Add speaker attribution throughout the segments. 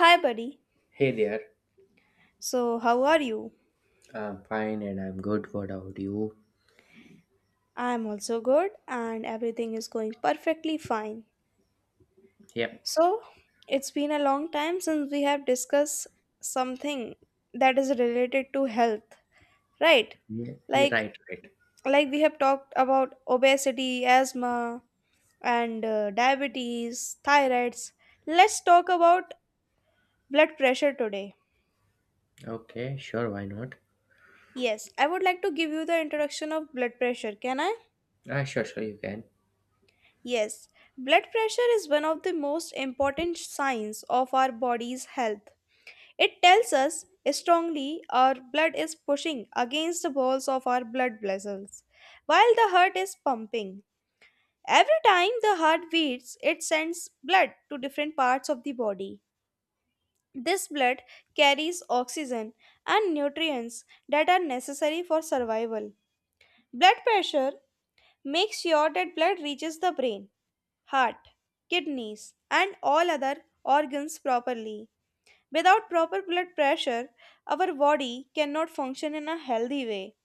Speaker 1: Hi, buddy.
Speaker 2: Hey there,
Speaker 1: So, how are you?
Speaker 2: I'm fine and I'm good. What about you?
Speaker 1: I'm also good, and everything is going perfectly fine.
Speaker 2: Yep,
Speaker 1: So, it's been a long time since we have discussed something that is related to health, right?
Speaker 2: yeah, yeah,
Speaker 1: Like,
Speaker 2: right, right.
Speaker 1: like we have talked about obesity, asthma, and diabetes, thyroids. Let's talk about blood pressure today.
Speaker 2: Okay, sure, why not?
Speaker 1: Yes, I would like to give you the introduction of blood pressure. Can I?
Speaker 2: Ah, sure, sure, you can.
Speaker 1: Yes, blood pressure is one of the most important signs of our body's health. It tells us strongly our blood is pushing against the walls of our blood vessels while the heart is pumping. Every time the heart beats, it sends blood to different parts of the body. This blood carries oxygen and nutrients that are necessary for survival. Blood pressure makes sure that blood reaches the brain, heart, kidneys, and all other organs properly. Without proper blood pressure, our body cannot function in a healthy way.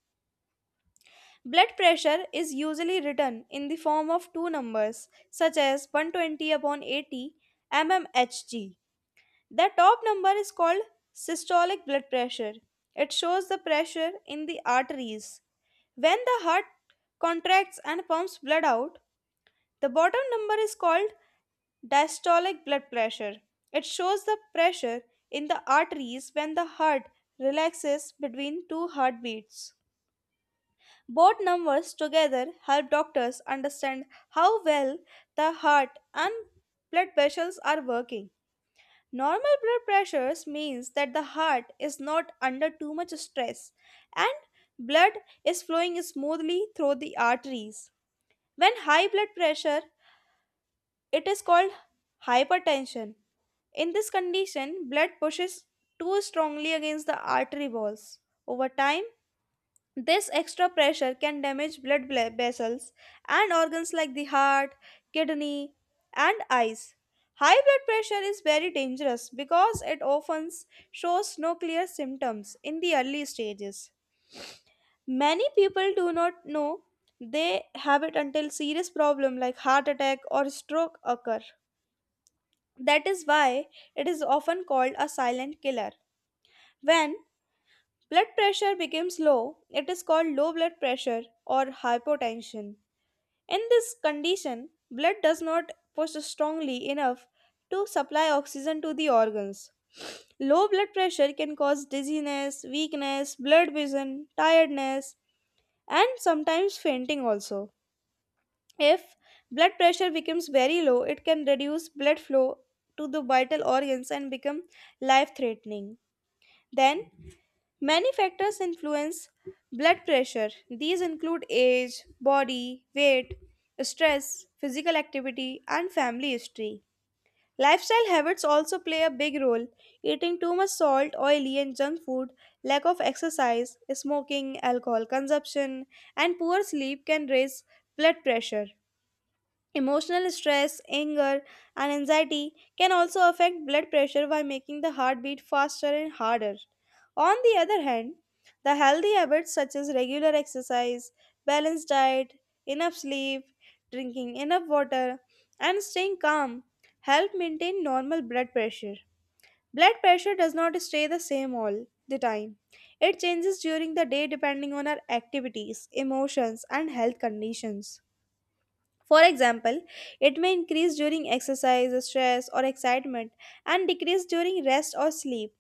Speaker 1: Blood pressure is usually written in the form of two numbers, such as 120 upon 80 mmHg. The top number is called systolic blood pressure. It shows the pressure in the arteries when the heart contracts and pumps blood out. The bottom number is called diastolic blood pressure. It shows the pressure in the arteries when the heart relaxes between two heartbeats. Both numbers together help doctors understand how well the heart and blood vessels are working. Normal blood pressures means that the heart is not under too much stress and blood is flowing smoothly through the arteries. When high blood pressure, it is called hypertension. In this condition, blood pushes too strongly against the artery walls. Over time, this extra pressure can damage vessels and organs like the heart, kidney, and eyes. High blood pressure is very dangerous because it often shows no clear symptoms in the early stages. Many people do not know they have it until serious problem like heart attack or stroke occur. That is why it is often called a silent killer. When blood pressure becomes low, it is called low blood pressure or hypotension. In this condition, blood does not push strongly enough to supply oxygen to the organs. Low blood pressure can cause dizziness, weakness, blurred vision, tiredness, and sometimes fainting also. If blood pressure becomes very low, it can reduce blood flow to the vital organs and become life threatening. Then, many factors influence blood pressure. These include age, body, weight, stress, physical activity, and family history. Lifestyle habits also play a big role. Eating too much salt, oily, and junk food, lack of exercise, smoking, alcohol consumption, and poor sleep can raise blood pressure. Emotional stress, anger, and anxiety can also affect blood pressure by making the heartbeat faster and harder. On the other hand, the healthy habits such as regular exercise, balanced diet, enough sleep, drinking enough water, and staying calm help maintain normal blood pressure. Blood pressure does not stay the same all the time. It changes during the day depending on our activities, emotions, and health conditions. For example, it may increase during exercise, stress, or excitement, and decrease during rest or sleep.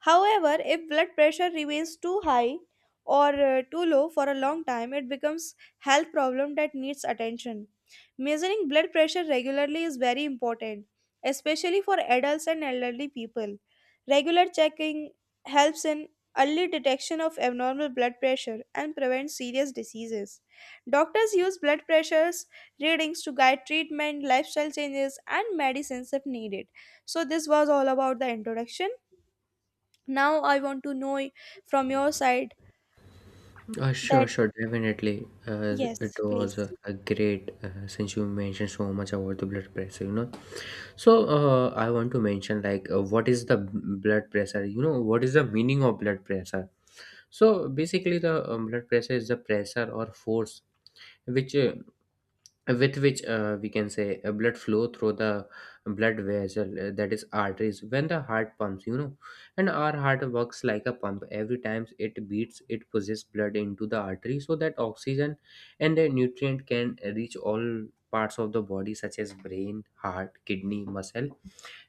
Speaker 1: However, if blood pressure remains too high or too low for a long time, it becomes health problem that needs attention. Measuring blood pressure regularly is very important, especially for adults and elderly people. Regular checking helps in early detection of abnormal blood pressure and prevents serious diseases. Doctors use blood pressures readings to guide treatment, lifestyle changes, and medicines if needed. So, this was all about the introduction. Now I want to know from your side
Speaker 2: Sure,
Speaker 1: that
Speaker 2: sure, definitely. It
Speaker 1: yes,
Speaker 2: was
Speaker 1: please.
Speaker 2: a great since you mentioned so much about the blood pressure. So, I want to mention like what is the blood pressure? You know what is the meaning of blood pressure? So, basically, the blood pressure is the pressure or force which with which we can say blood flow through the blood vessel, that is arteries, when the heart pumps. And our heart works like a pump. Every time it beats, it pushes blood into the artery so that oxygen and the nutrient can reach all parts of the body, such as brain, heart, kidney, muscle,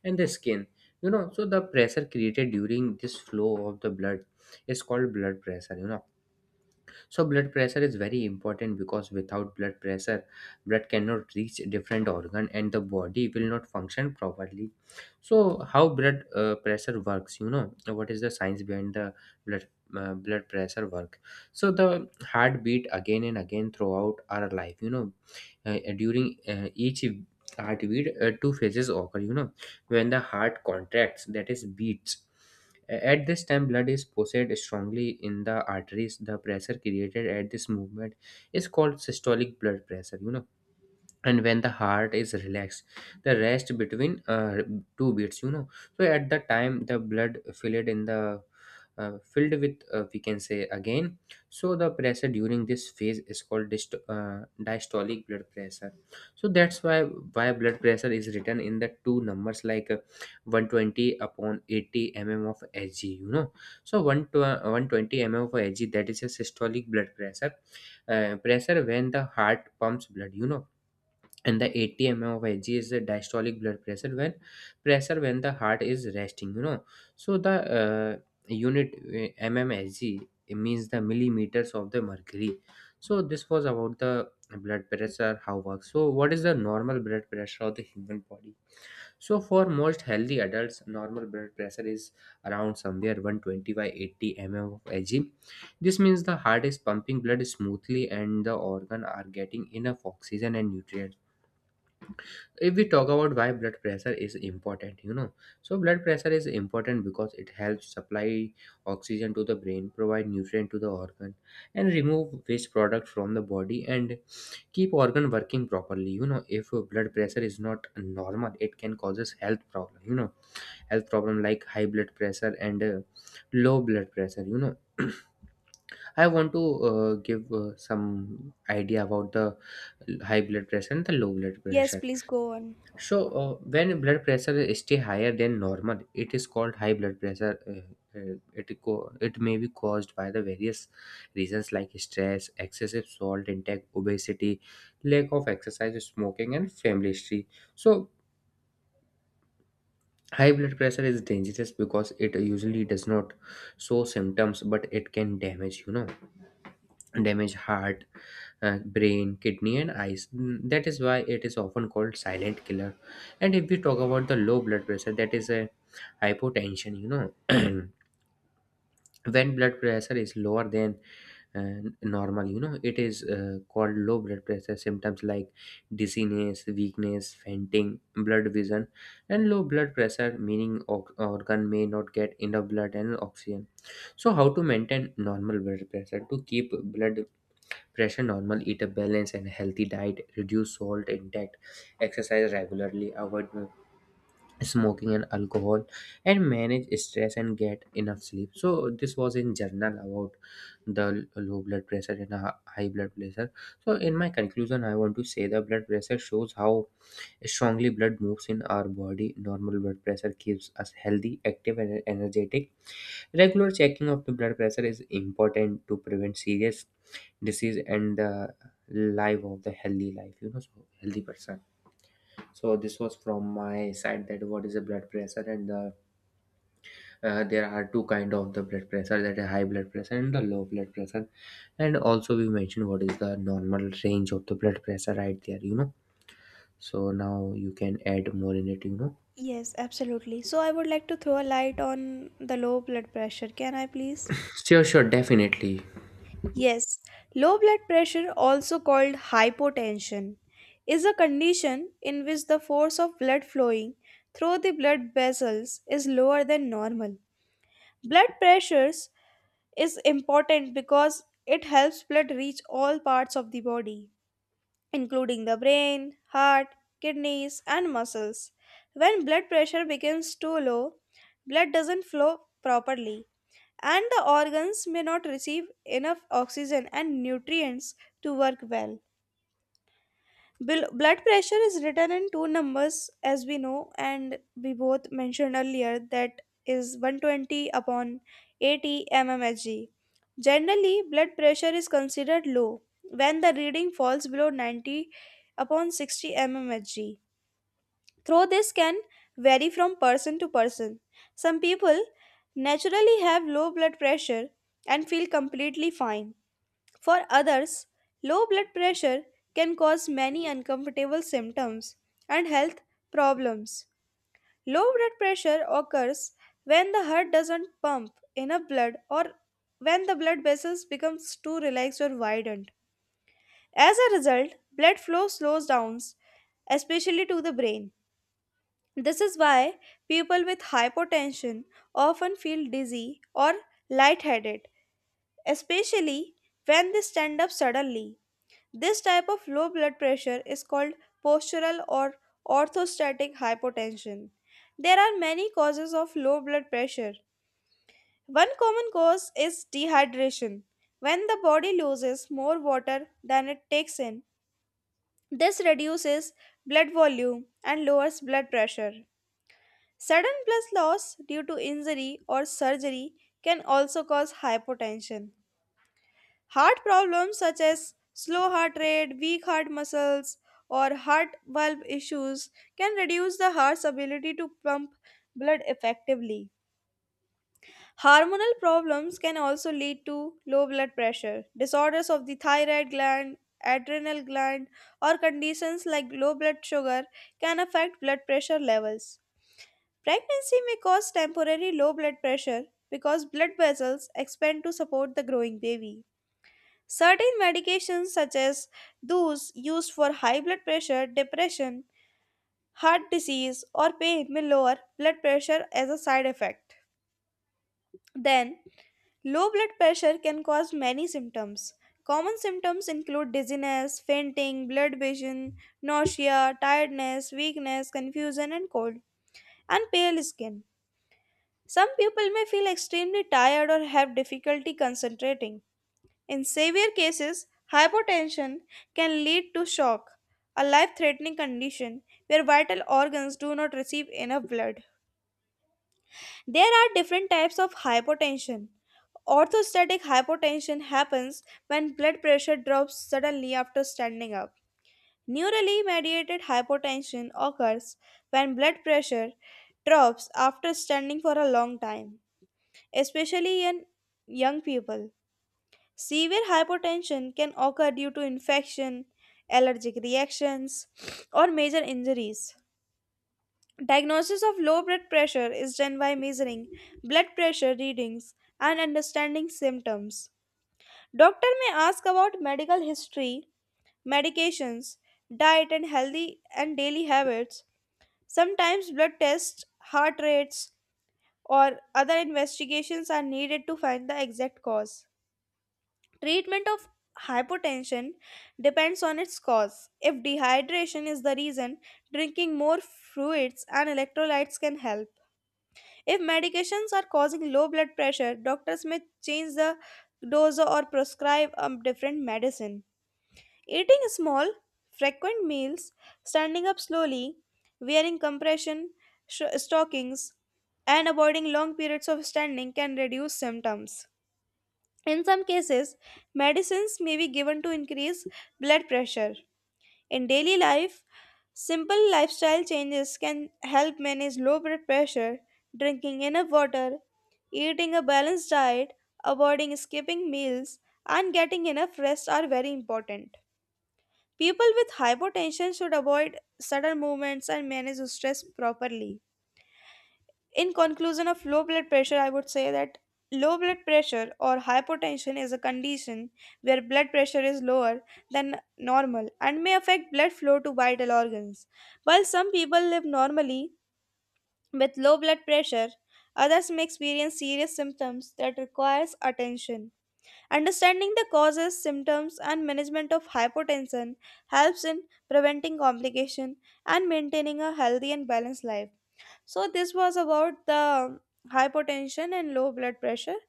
Speaker 2: and the skin. So the pressure created during this flow of the blood is called blood pressure. So blood pressure is very important, because without blood pressure, blood cannot reach different organ and the body will not function properly. So how blood pressure works? You know what is the science behind the blood blood pressure work? So the heart beat again and again throughout our life. During each heartbeat, two phases occur. When the heart contracts, that is beats, at this time, blood is pulsated strongly in the arteries. The pressure created at this movement is called systolic blood pressure. And when the heart is relaxed, the rest between two beats, so at the time the blood filled in the filled with, we can say again, so the pressure during this phase is called diastolic blood pressure. So that's why blood pressure is written in the two numbers, like 120 upon 80 mm of hg. So 120 mm of hg, that is a systolic blood pressure when the heart pumps blood. And the 80 mm of Hg is the diastolic blood pressure when the heart is resting. So the uh, unit mmHg means the millimeters of the mercury. So this was about the blood pressure how works. So what is the normal blood pressure of the human body? So for most healthy adults, normal blood pressure is around somewhere 120 by 80 mm of Hg. This means the heart is pumping blood smoothly and the organ are getting enough oxygen and nutrients. If we talk about why blood pressure is important, so blood pressure is important because it helps supply oxygen to the brain, provide nutrient to the organ, and remove waste product from the body, and keep organ working properly. If blood pressure is not normal, it can causes health problem, health problem like high blood pressure and low blood pressure. I want to give some idea about the high blood pressure and the low blood
Speaker 1: Yes,
Speaker 2: pressure.
Speaker 1: please go on.
Speaker 2: So, when blood pressure stay higher than normal, it is called high blood pressure. It may be caused by the various reasons, like stress, excessive salt intake, obesity, lack of exercise, smoking, and family history. So high blood pressure is dangerous because it usually does not show symptoms, but it can damage heart, brain, kidney, and eyes. That is why it is often called silent killer. And if we talk about the low blood pressure, that is a hypotension. When blood pressure is lower than normal, it is called low blood pressure. Symptoms like dizziness, weakness, fainting, blood vision, and low blood pressure meaning organ may not get enough blood and oxygen. So how to maintain normal blood pressure? To keep blood pressure normal, eat a balanced and healthy diet, reduce salt intake, exercise regularly, avoid smoking and alcohol, and manage stress and get enough sleep. So this was in journal about the low blood pressure and high blood pressure. So in my conclusion, I want to say the blood pressure shows how strongly blood moves in our body. Normal blood pressure keeps us healthy, active, and energetic. Regular checking of the blood pressure is important to prevent serious disease and the life of the healthy life, so healthy person. So this was from my side, that what is the blood pressure. And there are two kind of the blood pressure, that a high blood pressure and the low blood pressure. And also we mentioned what is the normal range of the blood pressure right there. So now you can add more in it.
Speaker 1: Yes, absolutely. So I would like to throw a light on the low blood pressure. Can I please?
Speaker 2: Sure, sure, definitely.
Speaker 1: Yes, low blood pressure, also called hypotension, is a condition in which the force of blood flowing through the blood vessels is lower than normal. Blood pressures is important because it helps blood reach all parts of the body, including the brain, heart, kidneys, and muscles. When blood pressure becomes too low, blood doesn't flow properly, and the organs may not receive enough oxygen and nutrients to work well. Blood pressure is written in two numbers, as we know and we both mentioned earlier, that is 120 upon 80 mmHg. Generally, blood pressure is considered low when the reading falls below 90 upon 60 mmHg, though this can vary from person to person. Some people naturally have low blood pressure and feel completely fine. For others, low blood pressure can cause many uncomfortable symptoms and health problems. Low blood pressure occurs when the heart doesn't pump enough blood or when the blood vessels becomes too relaxed or widened. As a result, blood flow slows down, especially to the brain. This is why people with hypotension often feel dizzy or lightheaded, especially when they stand up suddenly. This type of low blood pressure is called postural or orthostatic hypotension. There are many causes of low blood pressure. One common cause is dehydration. When the body loses more water than it takes in, this reduces blood volume and lowers blood pressure. Sudden blood loss due to injury or surgery can also cause hypotension. Heart problems such as slow heart rate, weak heart muscles, or heart valve issues can reduce the heart's ability to pump blood effectively. Hormonal problems can also lead to low blood pressure. Disorders of the thyroid gland, adrenal gland, or conditions like low blood sugar can affect blood pressure levels. Pregnancy may cause temporary low blood pressure because blood vessels expand to support the growing baby. Certain medications, such as those used for high blood pressure, depression, heart disease, or pain, may lower blood pressure as a side effect. Then, low blood pressure can cause many symptoms. Common symptoms include dizziness, fainting, blurred vision, nausea, tiredness, weakness, confusion, and cold, and pale skin. Some people may feel extremely tired or have difficulty concentrating. In severe cases, hypotension can lead to shock, a life threatening condition where vital organs do not receive enough blood. There are different types of hypotension. Orthostatic hypotension happens when blood pressure drops suddenly after standing up. Neurally mediated hypotension occurs when blood pressure drops after standing for a long time, especially in young people. Severe hypotension can occur due to infection, allergic reactions, or major injuries. Diagnosis of low blood pressure is done by measuring blood pressure readings and understanding symptoms. Doctor may ask about medical history, medications, diet and healthy and daily habits. Sometimes blood tests, heart rates, or other investigations are needed to find the exact cause. Treatment of hypotension depends on its cause. If dehydration is the reason, drinking more fluids and electrolytes can help. If medications are causing low blood pressure, doctors may change the dose or prescribe a different medicine. Eating small, frequent meals, standing up slowly, wearing compression stockings, and avoiding long periods of standing can reduce symptoms. In some cases, medicines may be given to increase blood pressure. In daily life, simple lifestyle changes can help manage low blood pressure. Drinking enough water, eating a balanced diet, avoiding skipping meals, and getting enough rest are very important. People with hypotension should avoid sudden movements and manage stress properly. In conclusion of low blood pressure, I would say that low blood pressure or hypotension is a condition where blood pressure is lower than normal and may affect blood flow to vital organs. While some people live normally with low blood pressure, others may experience serious symptoms that requires attention. Understanding the causes, symptoms, and management of hypotension helps in preventing complication and maintaining a healthy and balanced life. So this was about the hypotension and low blood pressure.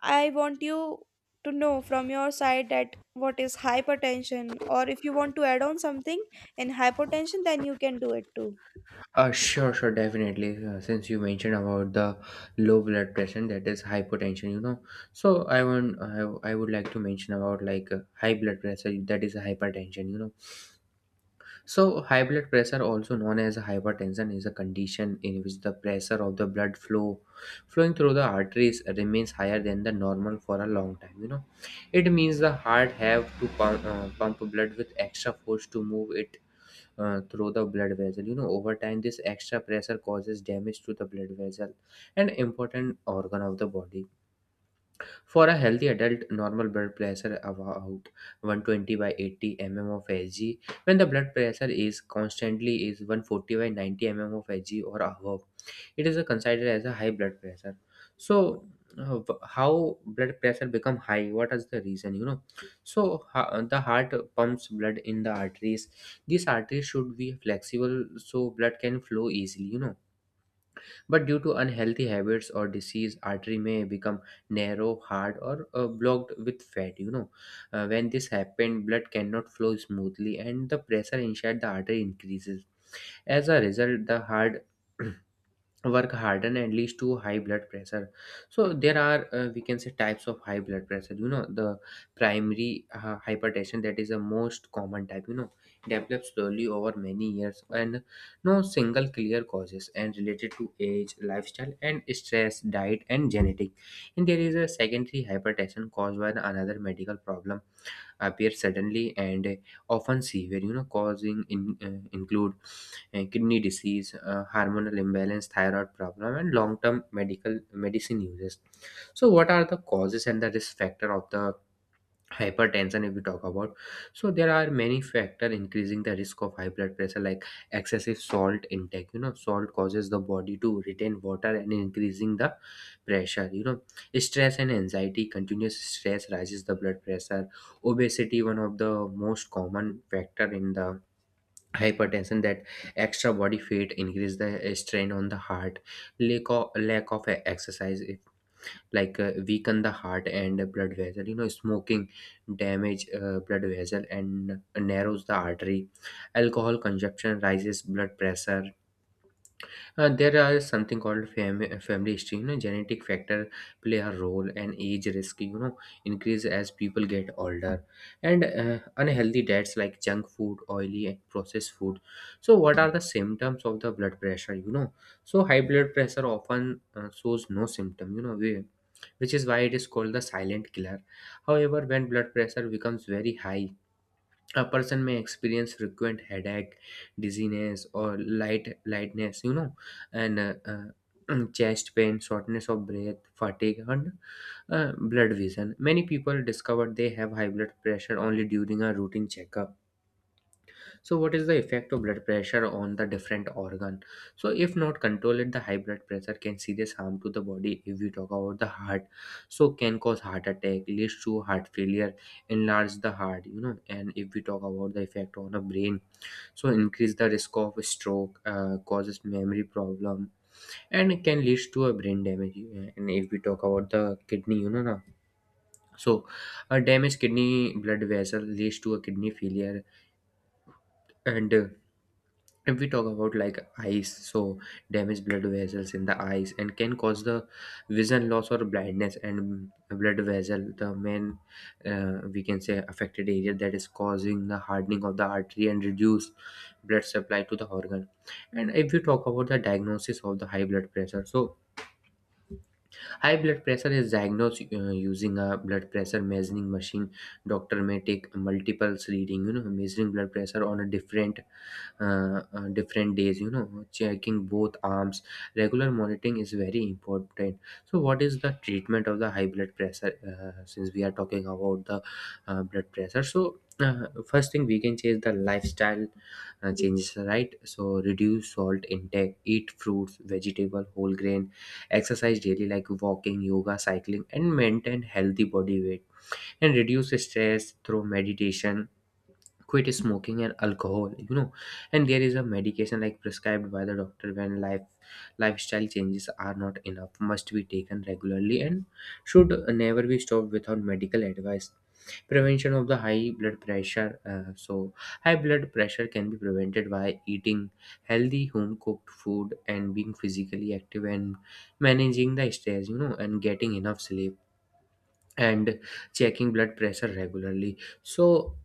Speaker 1: I want you to know from your side that what is hypertension or if you want to add on something in hypertension then you can do it too.
Speaker 2: Sure, sure, definitely. Since you mentioned about the low blood pressure, that is hypotension, so I would like to mention about like high blood pressure, that is hypertension. So high blood pressure, also known as hypertension, is a condition in which the pressure of the blood flowing through the arteries remains higher than the normal for a long time. It means the heart have to pump blood with extra force to move it through the blood vessel. Over time, this extra pressure causes damage to the blood vessel, an important organ of the body. For a healthy adult, normal blood pressure about 120 by 80 mm of Hg. When the blood pressure is constantly is 140 by 90 mm of Hg or above, it is considered as a high blood pressure. So, how blood pressure become high? What is the reason? So the heart pumps blood in the arteries. These arteries should be flexible so blood can flow easily. But due to unhealthy habits or disease, artery may become narrow, hard, or blocked with fat. When this happens, blood cannot flow smoothly, and the pressure inside the artery increases. As a result, the heart work harden and leads to high blood pressure. So there are, we can say, types of high blood pressure. The primary hypertension, that is the most common type, develops slowly over many years and no single clear causes, and related to age, lifestyle, and stress, diet, and genetic. And there is a secondary hypertension, caused by another medical problem, appear suddenly and often severe, include kidney disease, hormonal imbalance, thyroid problem, and long term medical medicine uses. So what are the causes and the risk factor of the hypertension, if we talk about? So there are many factors increasing the risk of high blood pressure, like excessive salt intake. Salt causes the body to retain water and increasing the pressure. Stress and anxiety, continuous stress rises the blood pressure. Obesity, one of the most common factor in the hypertension, that extra body fat increase the strain on the heart. Lack of exercise, like weaken the heart and blood vessel. Smoking damage blood vessel and narrows the artery. Alcohol consumption rises blood pressure. There are something called family history. Genetic factor play a role. And age risk, increase as people get older. And unhealthy diets, like junk food, oily, and processed food. So what are the symptoms of the blood pressure? So high blood pressure often shows no symptom, you know we which is why it is called the silent killer. However, when blood pressure becomes very high, a person may experience frequent headache, dizziness, or light lightness, and chest pain, shortness of breath, fatigue, and blood vision. Many people discover they have high blood pressure only during a routine checkup. So what is the effect of blood pressure on the different organ? So if not controlled, the high blood pressure can serious harm to the body. If we talk about the heart, so can cause heart attack, leads to heart failure, enlarge the heart. And if we talk about the effect on the brain, so increase the risk of stroke, causes memory problem, and can lead to a brain damage. And if we talk about the kidney, you know, na. So a damaged kidney blood vessel leads to a kidney failure, and if we talk about like eyes, so damaged blood vessels in the eyes and can cause the vision loss or blindness. And blood vessel, the main, we can say, affected area that is causing the hardening of the artery and reduced blood supply to the organ. And if we talk about the diagnosis of the high blood pressure, so high blood pressure is diagnosed using a blood pressure measuring machine. Doctor may take multiples reading, measuring blood pressure on a different, different days, checking both arms. Regular monitoring is very important. So what is the treatment of the high blood pressure? Since we are talking about the blood pressure, so first thing we can change the lifestyle changes, right? So reduce salt intake, eat fruits, vegetable, whole grain, exercise daily like walking, yoga, cycling, and maintain healthy body weight, and reduce stress through meditation, quit smoking and alcohol. And there is a medication like prescribed by the doctor when lifestyle changes are not enough, must be taken regularly and should never be stopped without medical advice. Prevention of the high blood pressure, so high blood pressure can be prevented by eating healthy home cooked food and being physically active and managing the stress, and getting enough sleep and checking blood pressure regularly, so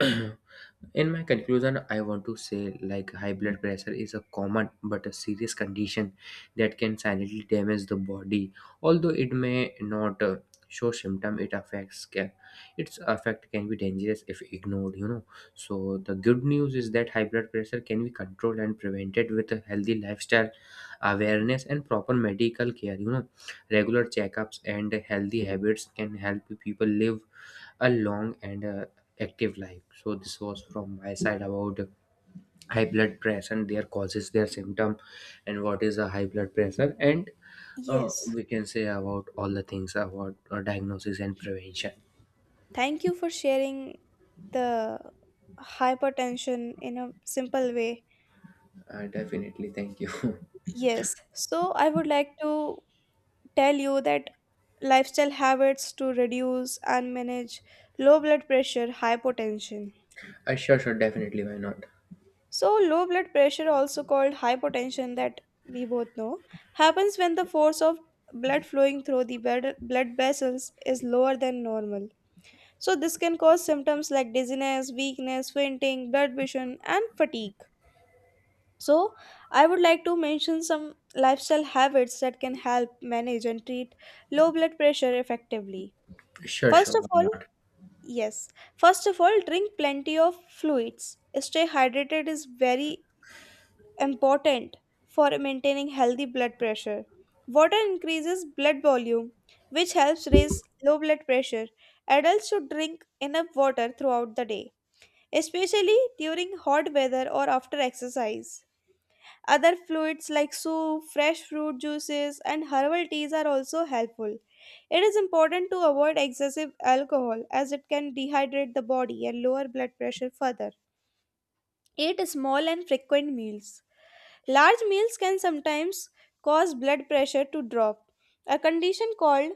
Speaker 2: in my conclusion, I want to say like high blood pressure is a common but a serious condition that can silently damage the body. Although it may not show symptom, it affects can, its effect can be dangerous if ignored. So the good news is that high blood pressure can be controlled and prevented with a healthy lifestyle, awareness, and proper medical care. Regular checkups and healthy habits can help people live a long and active life. So this was from my side about high blood pressure and their causes, their symptom, and what is a high blood pressure, and
Speaker 1: Yes.
Speaker 2: we can say about all the things about diagnosis and prevention.
Speaker 1: Thank you for sharing the hypertension in a simple way.
Speaker 2: Definitely, thank you.
Speaker 1: Yes. So I would like to tell you that lifestyle habits to reduce and manage low blood pressure, hypotension.
Speaker 2: Sure, sure, definitely, why not?
Speaker 1: So low blood pressure, also called hypotension, that we both know happens when the force of blood flowing through the blood vessels is lower than normal. So this can cause symptoms like dizziness, weakness, fainting, blood vision and fatigue. So, I would like to mention some lifestyle habits that can help manage and treat low blood pressure effectively.
Speaker 2: Sure,
Speaker 1: First
Speaker 2: sure,
Speaker 1: of
Speaker 2: why
Speaker 1: all,
Speaker 2: not?
Speaker 1: yes, first of all, drink plenty of fluids. Stay hydrated is very important for maintaining healthy blood pressure. Water increases blood volume, which helps raise low blood pressure. Adults should drink enough water throughout the day, especially during hot weather or after exercise. Other fluids like soup, fresh fruit juices, and herbal teas are also helpful. It is important to avoid excessive alcohol as it can dehydrate the body and lower blood pressure further. Eat small and frequent meals. Large meals can sometimes cause blood pressure to drop, a condition called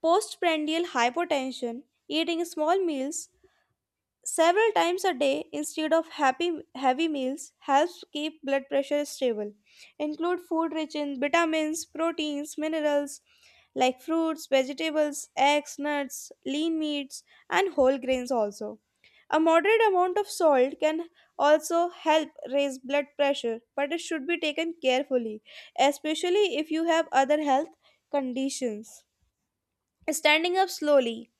Speaker 1: postprandial hypotension. Eating small meals several times a day instead of happy, heavy meals helps keep blood pressure stable. Include food rich in vitamins, proteins, minerals like fruits, vegetables, eggs, nuts, lean meats, and whole grains also. A moderate amount of salt can also help raise blood pressure, but it should be taken carefully, especially if you have other health conditions. Standing up slowly.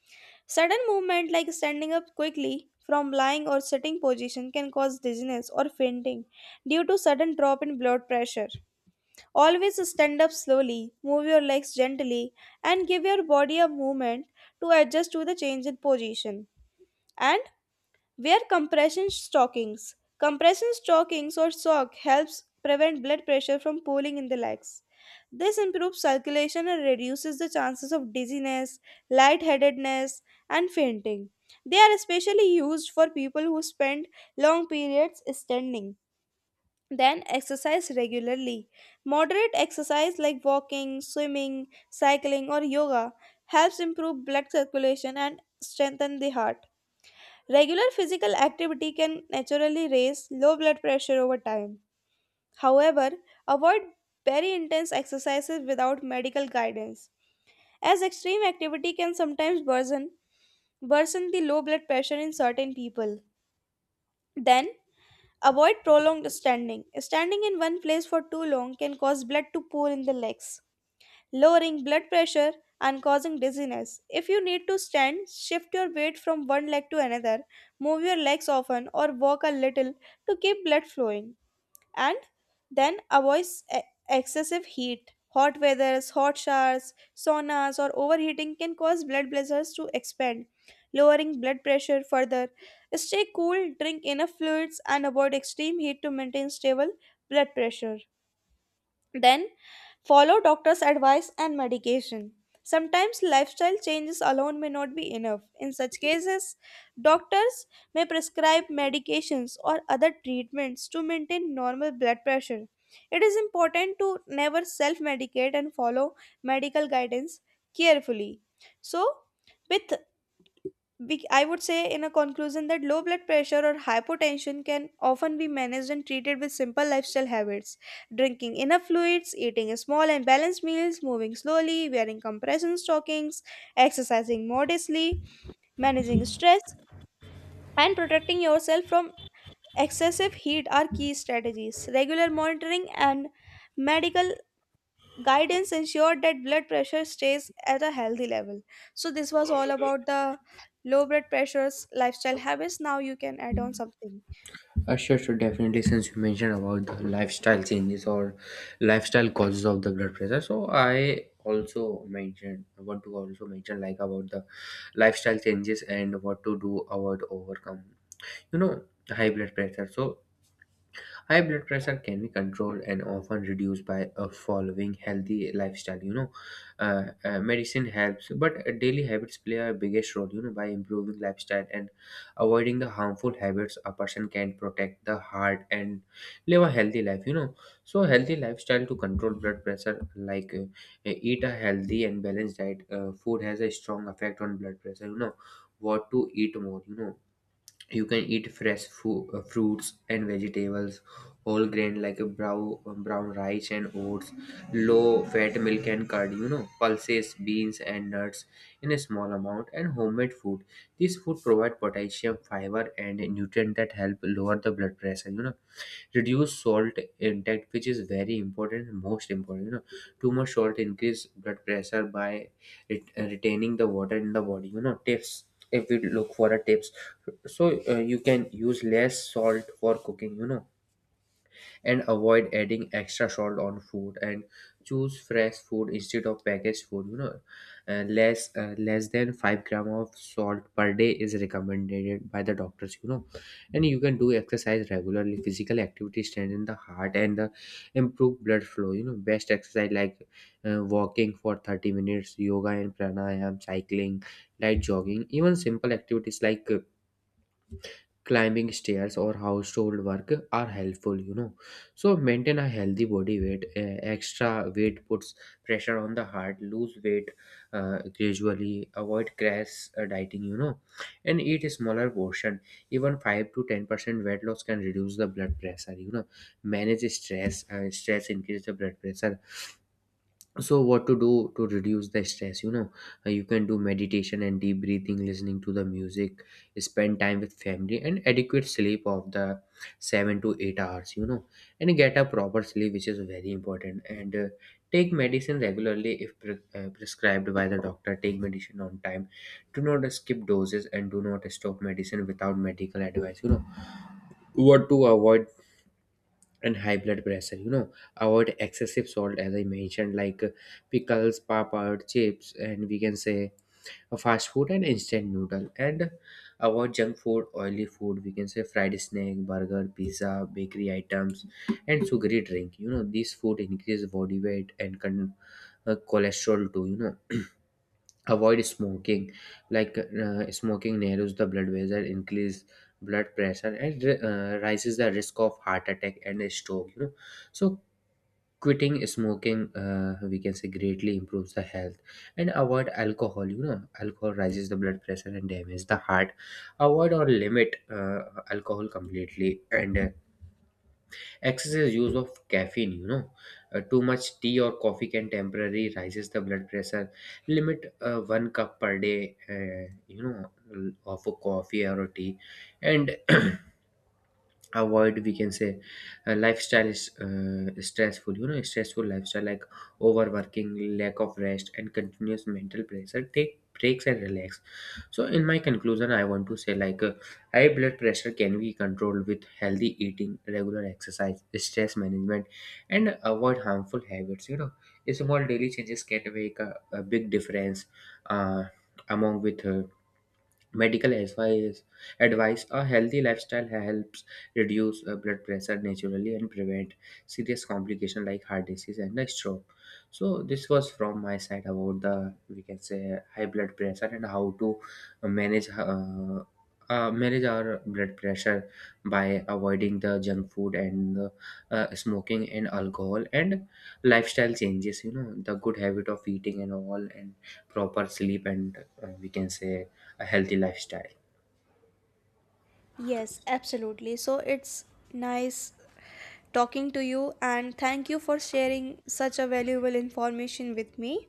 Speaker 1: Sudden movement like standing up quickly from lying or sitting position can cause dizziness or fainting due to sudden drop in blood pressure. Always stand up slowly, move your legs gently and give your body a movement to adjust to the change in position. And wear compression stockings. Compression stockings or sock helps prevent blood pressure from pooling in the legs. This improves circulation and reduces the chances of dizziness, lightheadedness, and fainting. They are especially used for people who spend long periods standing. Then exercise regularly. Moderate exercise like walking, swimming, cycling, or yoga helps improve blood circulation and strengthen the heart. Regular physical activity can naturally raise low blood pressure over time. However, avoid very intense exercises without medical guidance, as extreme activity can sometimes worsen the low blood pressure in certain people. Then, avoid prolonged standing. Standing in one place for too long can cause blood to pool in the legs, lowering blood pressure and causing dizziness. If you need to stand, shift your weight from one leg to another, move your legs often, or walk a little to keep blood flowing. And then avoid e- excessive heat. Hot weathers, hot showers, saunas, or overheating can cause blood vessels to expand, lowering blood pressure further. Stay cool, drink enough fluids, and avoid extreme heat to maintain stable blood pressure. Then follow doctor's advice and medication. Sometimes lifestyle changes alone may not be enough. In such cases, doctors may prescribe medications or other treatments to maintain normal blood pressure. It is important to never self medicate and follow medical guidance carefully. So, with I would say, in a conclusion, that low blood pressure or hypotension can often be managed and treated with simple lifestyle habits. Drinking enough fluids, eating small and balanced meals, moving slowly, wearing compression stockings, exercising modestly, managing stress, and protecting yourself from excessive heat are key strategies. Regular monitoring and medical guidance ensured that blood pressure stays at a healthy level. So this was all about the low blood pressures lifestyle habits. Now you can add on something.
Speaker 2: Sure, sure, definitely. Since you mentioned about the lifestyle changes or lifestyle causes of the blood pressure, so I also mentioned I want to also mention like about the lifestyle changes and what to do about overcome. You know, high blood pressure. So high blood pressure can be controlled and often reduced by following healthy lifestyle. Medicine helps, but daily habits play a biggest role. By improving lifestyle and avoiding the harmful habits, a person can protect the heart and live a healthy life. So healthy lifestyle to control blood pressure, like eat a healthy and balanced diet. Food has a strong effect on blood pressure. What to eat more. You can eat fresh fruits and vegetables, whole grain like a brown rice and oats, low fat milk and curd, pulses, beans, and nuts in a small amount and homemade food. These food provide potassium, fiber, and nutrient that help lower the blood pressure. Reduce salt intake, which is very important and most important. Too much salt increase blood pressure by it, retaining the water in the body. Tips, if we look for a tips, so you can use less salt for cooking, and avoid adding extra salt on food and choose fresh food instead of packaged food. Less less than 5 gram of salt per day is recommended by the doctors. And you can do exercise regularly. Physical activity strengthen the heart and the improve blood flow. Best exercise like walking for 30 minutes, yoga and pranayam, cycling, light jogging, even simple activities like climbing stairs or household work are helpful. So maintain a healthy body weight. Extra weight puts pressure on the heart. Lose weight gradually, avoid crash dieting, and eat a smaller portion. Even 5 to 10% weight loss can reduce the blood pressure. Manage stress. Stress increase the blood pressure. So what to do to reduce the stress? You can do meditation and deep breathing, listening to the music, spend time with family and adequate sleep of the 7 to 8 hours. And get a proper sleep which is very important. And take medicine regularly if prescribed by the doctor. Take medicine on time, do not skip doses and do not stop medicine without medical advice. What to avoid and high blood pressure. Avoid excessive salt as I mentioned like pickles, papad, chips, and we can say fast food and instant noodle, and avoid junk food, oily food, we can say fried snack, burger, pizza, bakery items, and sugary drink. These food increase body weight and cholesterol too. Avoid smoking, like smoking narrows the blood vessel, increase blood pressure and rises the risk of heart attack and a stroke. So quitting smoking, we can say, greatly improves the health. And avoid alcohol. Alcohol rises the blood pressure and damage the heart. Avoid or limit alcohol completely, and excessive use of caffeine. Too much tea or coffee can temporarily rises the blood pressure. Limit one cup per day, uh, you know of a coffee or a tea. And avoid, we can say, lifestyle is stressful. Stressful lifestyle like overworking, lack of rest, and continuous mental pressure. Take breaks and relax. So in my conclusion, I want to say like high blood pressure can be controlled with healthy eating, regular exercise, stress management, and avoid harmful habits. Small daily changes can make a big difference, uh, among with Medical advice, advice a healthy lifestyle helps reduce blood pressure naturally and prevent serious complications like heart disease and a stroke. So this was from my side about the, we can say, high blood pressure, and how to manage manage our blood pressure by avoiding the junk food and smoking and alcohol and lifestyle changes. The good habit of eating and all and proper sleep and we can say a healthy lifestyle.
Speaker 1: Yes, absolutely. So it's nice talking to you and thank you for sharing such a valuable information with me.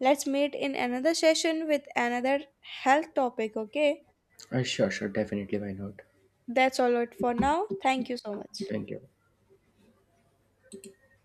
Speaker 1: Let's meet in another session with another health topic, okay?
Speaker 2: Sure, sure, definitely. Why not?
Speaker 1: That's all it for now. Thank you so much.
Speaker 2: Thank you.